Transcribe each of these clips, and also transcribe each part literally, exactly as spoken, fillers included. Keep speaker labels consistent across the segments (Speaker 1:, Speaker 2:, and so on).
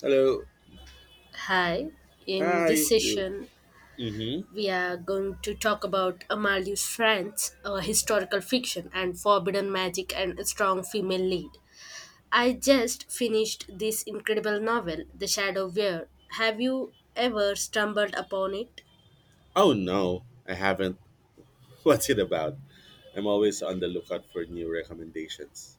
Speaker 1: Hello.
Speaker 2: Hi, in this
Speaker 1: Hi.
Speaker 2: session,
Speaker 1: Mm-hmm.
Speaker 2: we are going to talk about Amalie's France, a historical fiction, and forbidden magic and a strong female lead. I just finished this incredible novel, The Shadow Weir. Have you ever stumbled upon it?
Speaker 1: Oh no, I haven't. What's it about? I'm always on the lookout for new recommendations.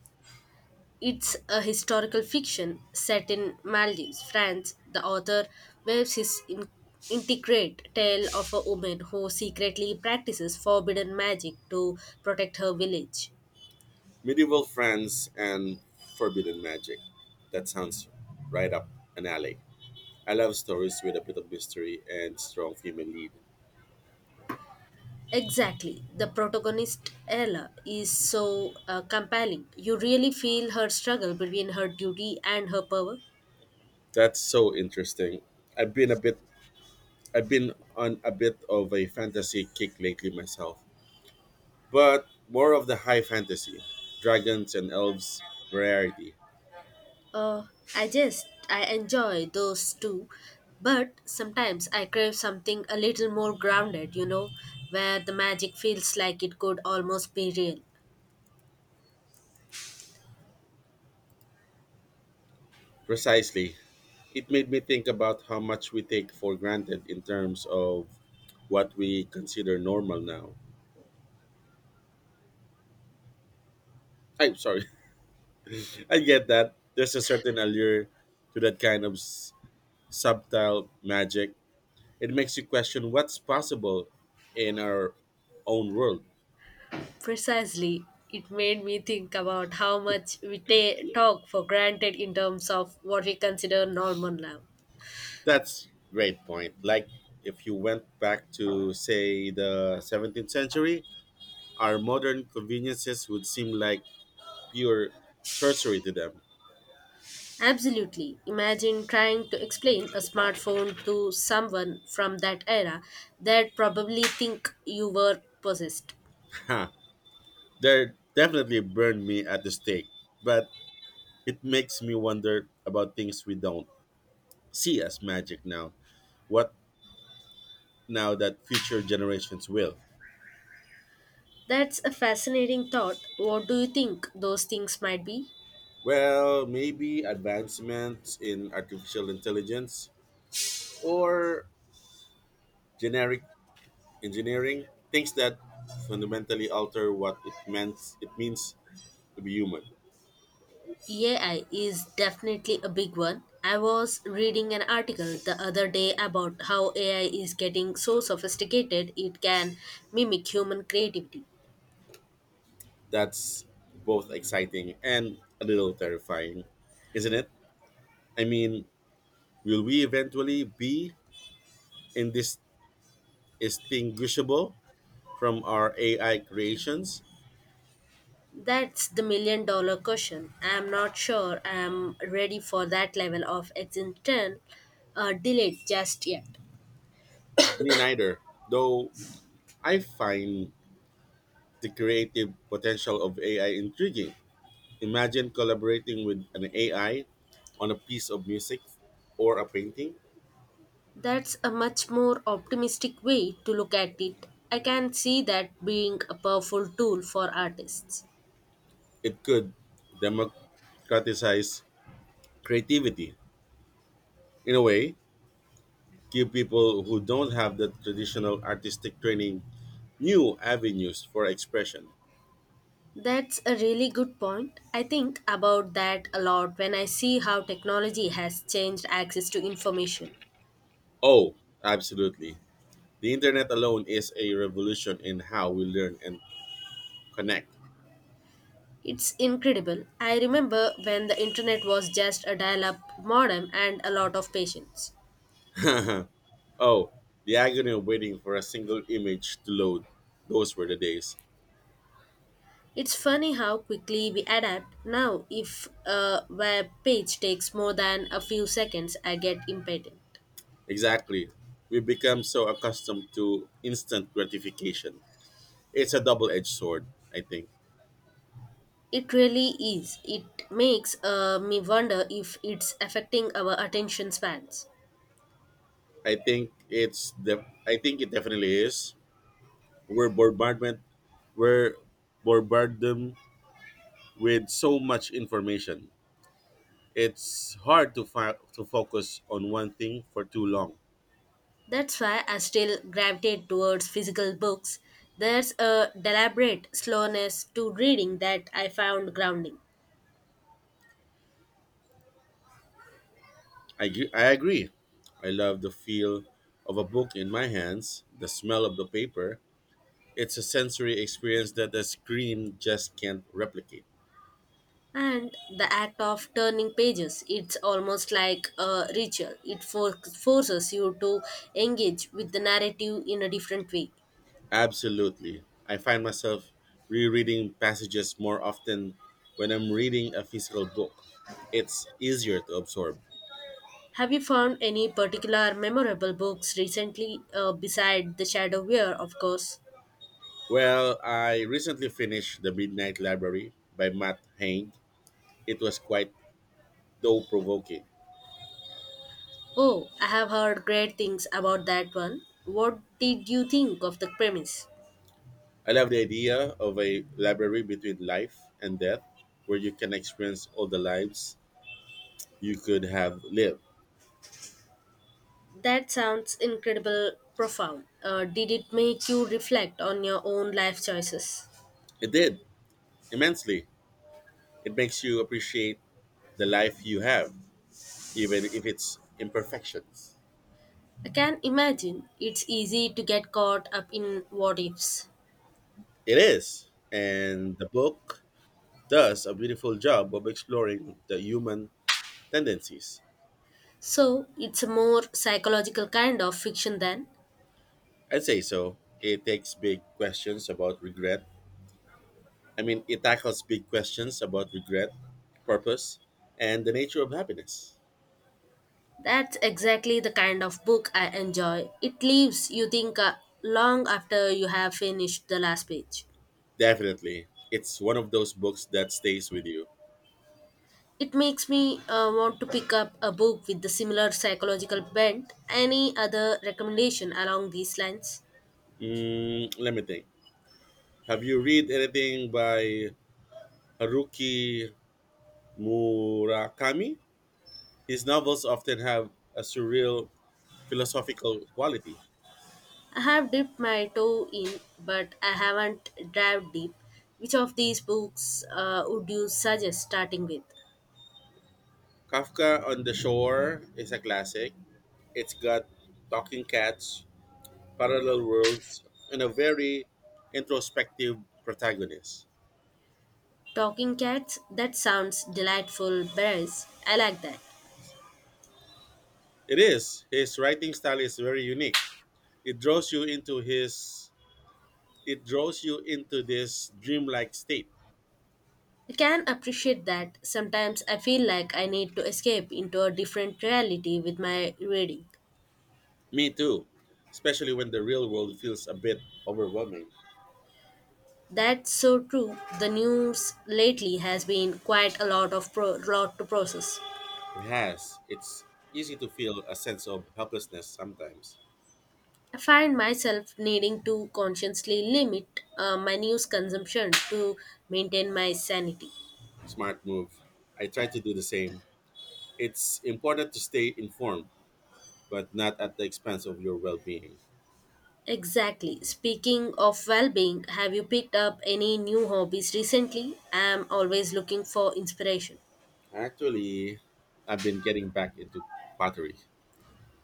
Speaker 2: It's a historical fiction set in Maldives, France. The author weaves his in- intricate tale of a woman who secretly practices forbidden magic to protect her village.
Speaker 1: Medieval France and Forbidden Magic. That sounds right up an alley. I love stories with a bit of mystery and strong female lead.
Speaker 2: Exactly. The protagonist, Ella, is so uh, compelling. You really feel her struggle between her duty and her power.
Speaker 1: That's so interesting. I've been a bit I've been on a bit of a fantasy kick lately myself. But more of the high fantasy. Dragons and elves rarity.
Speaker 2: Uh, I just, I enjoy those two. But sometimes I crave something a little more grounded, you know, where the magic feels like it could almost be real.
Speaker 1: Precisely. It made me think about how much we take for granted in terms of what we consider normal now. I'm sorry. I get that. There's a certain allure to that kind of s- subtle magic. It makes you question what's possible in our own world.
Speaker 2: Precisely. It made me think about how much we ta- talk for granted in terms of what we consider normal now.
Speaker 1: That's great point. Like if you went back to, say, the seventeenth century, our modern conveniences would seem like pure sorcery to
Speaker 2: Absolutely. Imagine trying to explain a smartphone to someone from that era. They'd probably think you were possessed.
Speaker 1: them. They definitely burned me at the stake, but it makes me wonder about things we don't see as magic now. What now that future generations will?
Speaker 2: That's a fascinating thought. What do you think those things might be?
Speaker 1: Well, maybe advancements in artificial intelligence or generic engineering, things that fundamentally alter what it meant it means to be human.
Speaker 2: A I is definitely a big one. I was reading an article the other day about how A I is getting so sophisticated it can mimic human creativity.
Speaker 1: That's both exciting and a little terrifying, isn't it? I mean, will we eventually be in this distinguishable from our A I creations?
Speaker 2: That's the million dollar question. I'm not sure I'm ready for that level of existential uh, delay just yet.
Speaker 1: Me neither, though I find the creative potential of A I intriguing. Imagine collaborating with an A I on a piece of music or a painting.
Speaker 2: That's a much more optimistic way to look at it. I can see that being a powerful tool for artists.
Speaker 1: It could democratize creativity in a way, give people who don't have the traditional artistic training new avenues for expression.
Speaker 2: That's a really good point. I think about that a lot when I see how technology has changed access to information.
Speaker 1: Oh, absolutely. The internet alone is a revolution in how we learn and connect.
Speaker 2: It's incredible. I remember when the internet was just a dial up modem and a lot of patience.
Speaker 1: Oh, the agony of waiting for a single image to load. Those were the days.
Speaker 2: It's funny how quickly we adapt. Now, if a web page takes more than a few seconds, I get impatient.
Speaker 1: Exactly. We become so accustomed to instant gratification. It's a double-edged sword, I think.
Speaker 2: It really is. It makes uh, me wonder if it's affecting our attention spans.
Speaker 1: I think it's the I think it definitely is. We're bombardment we're bombarded with so much information. It's hard to fi- to focus on one thing for too long.
Speaker 2: That's why I still gravitate towards physical books. There's a deliberate slowness to reading that I found grounding.
Speaker 1: I, gr- I agree. I love the feel of a book in my hands, the smell of the paper. It's a sensory experience that a screen just can't replicate.
Speaker 2: And the act of turning pages, it's almost like a ritual. It for- forces you to engage with the narrative in a different way.
Speaker 1: Absolutely. I find myself rereading passages more often when I'm reading a physical book. It's easier to absorb.
Speaker 2: Have you found any particular memorable books recently uh, beside The Shadow Weir, of course?
Speaker 1: Well, I recently finished The Midnight Library by Matt Haig. It was quite thought provoking.
Speaker 2: Oh, I have heard great things about that one. What did you think of the premise?
Speaker 1: I love the idea of a library between life and death where you can experience all the lives you could have lived.
Speaker 2: That sounds incredible profound. Uh, did it make you reflect on your own life choices?
Speaker 1: It did, immensely. It makes you appreciate the life you have, even if it's imperfections.
Speaker 2: I can imagine it's easy to get caught up in what ifs.
Speaker 1: It is. And the book does a beautiful job of exploring the human tendencies.
Speaker 2: So it's a more psychological kind of fiction then.
Speaker 1: I'd say so. It takes big questions about regret. I mean, it tackles big questions about regret, purpose, and the nature of happiness.
Speaker 2: That's exactly the kind of book I enjoy. It leaves you think uh, long after you have finished the last page.
Speaker 1: Definitely. It's one of those books that stays with you.
Speaker 2: It makes me uh, want to pick up a book with the similar psychological bent. Any other recommendation along these lines?
Speaker 1: Mm, let me think. Have you read anything by Haruki Murakami? His novels often have a surreal philosophical quality.
Speaker 2: I have dipped my toe in, but I haven't dived deep. Which of these books uh, would you suggest starting with?
Speaker 1: Kafka on the Shore is a classic. It's got talking cats, parallel worlds, and a very introspective protagonist.
Speaker 2: Talking Cats? That sounds delightful, Bears. I like that.
Speaker 1: It is. His writing style is very unique. It draws you into his It draws you into this dreamlike state.
Speaker 2: I can appreciate that. Sometimes I feel like I need to escape into a different reality with my reading.
Speaker 1: Me too, especially when the real world feels a bit overwhelming.
Speaker 2: That's so true. The news lately has been quite a lot of pro- lot to process.
Speaker 1: It has. It's easy to feel a sense of helplessness sometimes.
Speaker 2: I find myself needing to consciously limit uh, my news consumption to maintain my sanity.
Speaker 1: Smart move. I try to do the same. It's important to stay informed, but not at the expense of your well being.
Speaker 2: Exactly. Speaking of well being, have you picked up any new hobbies recently? I'm always looking for inspiration.
Speaker 1: Actually, I've been getting back into pottery.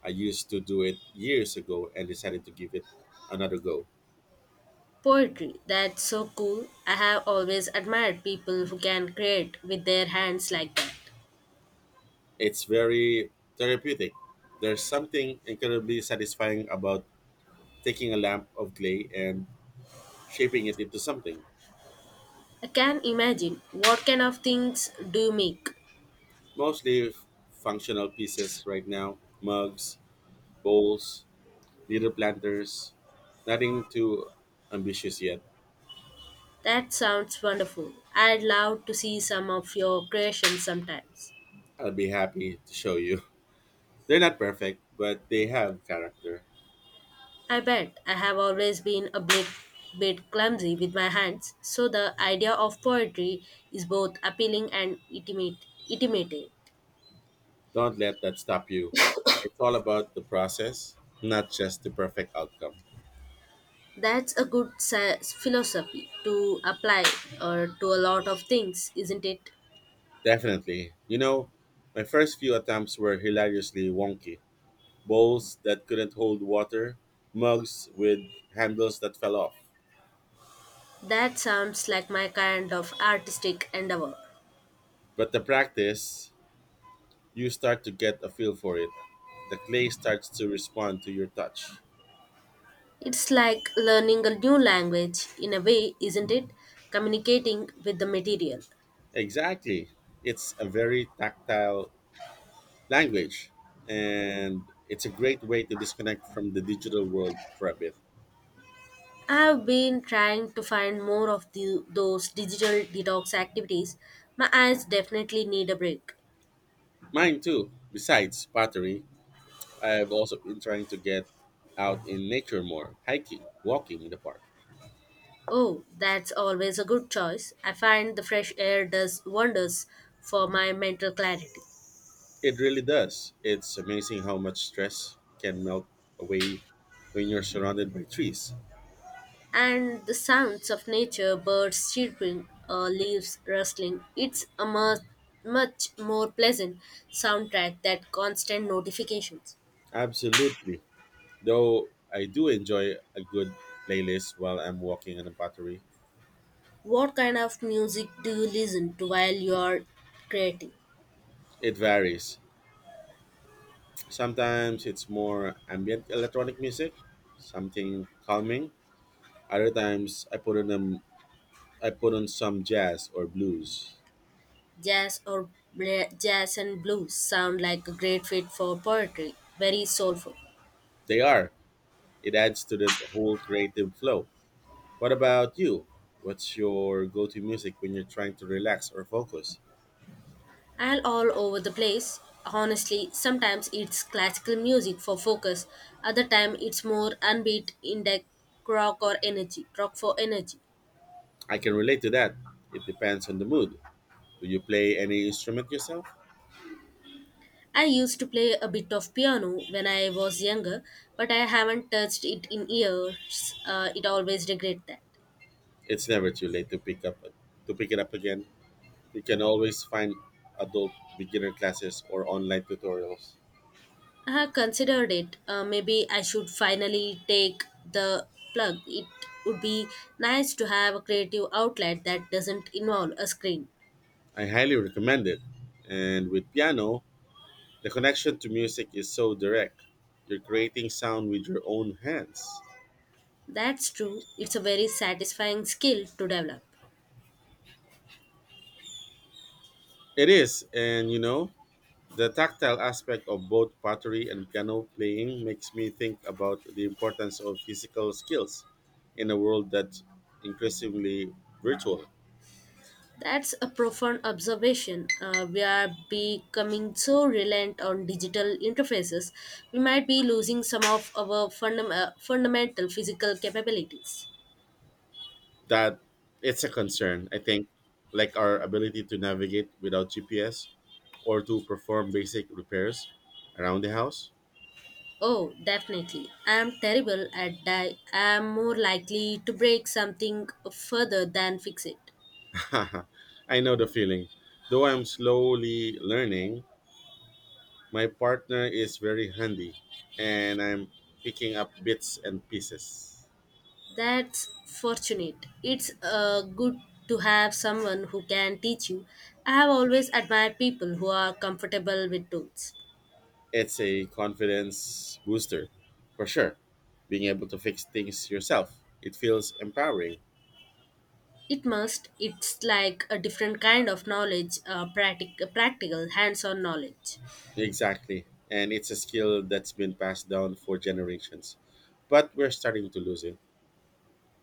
Speaker 1: I used to do it years ago and decided to give it another go.
Speaker 2: Poetry, that's so cool. I have always admired people who can create with their hands like that.
Speaker 1: It's very therapeutic. There's something incredibly satisfying about taking a lump of clay and shaping it into something.
Speaker 2: I can imagine what kind of things do you make?
Speaker 1: Mostly f- functional pieces right now: mugs, bowls, little planters. Nothing too ambitious yet.
Speaker 2: That sounds wonderful. I'd love to see some of your creations sometimes.
Speaker 1: I'll be happy to show you. They're not perfect, but they have character.
Speaker 2: I bet I have always been a bit, bit clumsy with my hands, so the idea of poetry is both appealing and intimate, intimating.
Speaker 1: Don't let that stop you. It's all about the process, not just the perfect outcome.
Speaker 2: That's a good sa- philosophy to apply uh, to a lot of things, isn't it?
Speaker 1: Definitely. You know, my first few attempts were hilariously wonky. Bowls that couldn't hold water, mugs with handles that fell off.
Speaker 2: That sounds like my kind of artistic endeavor.
Speaker 1: But the practice, you start to get a feel for it. The clay starts to respond to your touch.
Speaker 2: It's like learning a new language, in a way, isn't it? Communicating with the material.
Speaker 1: Exactly. It's a very tactile language, and it's a great way to disconnect from the digital world for a bit.
Speaker 2: I've been trying to find more of the, those digital detox activities. My eyes definitely need a break.
Speaker 1: Mine too. Besides pottery, I've also been trying to get out in nature more, hiking, walking in the park.
Speaker 2: Oh, that's always a good choice. I find the fresh air does wonders for my mental clarity.
Speaker 1: It really does. It's amazing how much stress can melt away when you're surrounded by trees.
Speaker 2: And the sounds of nature, birds chirping, uh, leaves rustling, it's a much, much more pleasant soundtrack than constant notifications.
Speaker 1: Absolutely. Though I do enjoy a good playlist while I'm walking on a battery.
Speaker 2: What kind of music do you listen to while you're creating?
Speaker 1: It varies. Sometimes it's more ambient electronic music, something calming. Other times I put on them. I put on some jazz or blues.
Speaker 2: Jazz or bla- Jazz and blues sound like a great fit for poetry, very soulful.
Speaker 1: They are it adds to the whole creative flow. What about you? What's your go to music when you're trying to relax or focus?
Speaker 2: And all over the place. Honestly, sometimes it's classical music for focus, other time it's more unbeat indie rock or energy, rock for energy.
Speaker 1: I can relate to that. It depends on the mood. Do you play any instrument yourself?
Speaker 2: I used to play a bit of piano when I was younger, but I haven't touched it in years. Uh, it always regret that.
Speaker 1: It's never too late to pick up to pick it up again. You can always find adult beginner classes or online tutorials.
Speaker 2: I have considered it. Uh, maybe I should finally take the plug. It would be nice to have a creative outlet that doesn't involve a screen.
Speaker 1: I highly recommend it. And with piano, the connection to music is so direct. You're creating sound with your own hands.
Speaker 2: That's true. It's a very satisfying skill to develop.
Speaker 1: It is, and you know, the tactile aspect of both pottery and piano playing makes me think about the importance of physical skills in a world that's increasingly virtual.
Speaker 2: That's a profound observation. Uh, we are becoming so reliant on digital interfaces, we might be losing some of our fundam- uh, fundamental physical capabilities.
Speaker 1: That it's a concern, I think, like our ability to navigate without G P S or to perform basic repairs around the house.
Speaker 2: Oh, definitely. I'm terrible at that. I'm more likely to break something further than fix it.
Speaker 1: I know the feeling. Though I'm slowly learning, my partner is very handy and I'm picking up bits and pieces.
Speaker 2: That's fortunate. It's uh, good to have someone who can teach you. I have always admired people who are comfortable with tools.
Speaker 1: It's a confidence booster for sure. Being able to fix things yourself, it feels empowering.
Speaker 2: It must. It's like a different kind of knowledge, uh, practic- practical, hands-on knowledge.
Speaker 1: Exactly. And it's a skill that's been passed down for generations. But we're starting to lose it.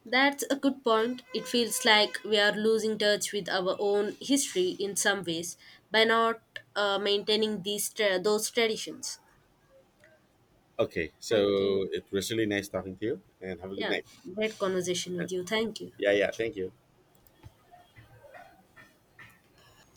Speaker 2: That's a good point. It feels like we are losing touch with our own history in some ways by not uh, maintaining these tra- those traditions.
Speaker 1: Okay,
Speaker 2: Thank you.
Speaker 1: so it was really nice talking to you and have a good
Speaker 2: Yeah,
Speaker 1: night.
Speaker 2: great conversation with you. Thank you.
Speaker 1: Yeah, yeah, thank you.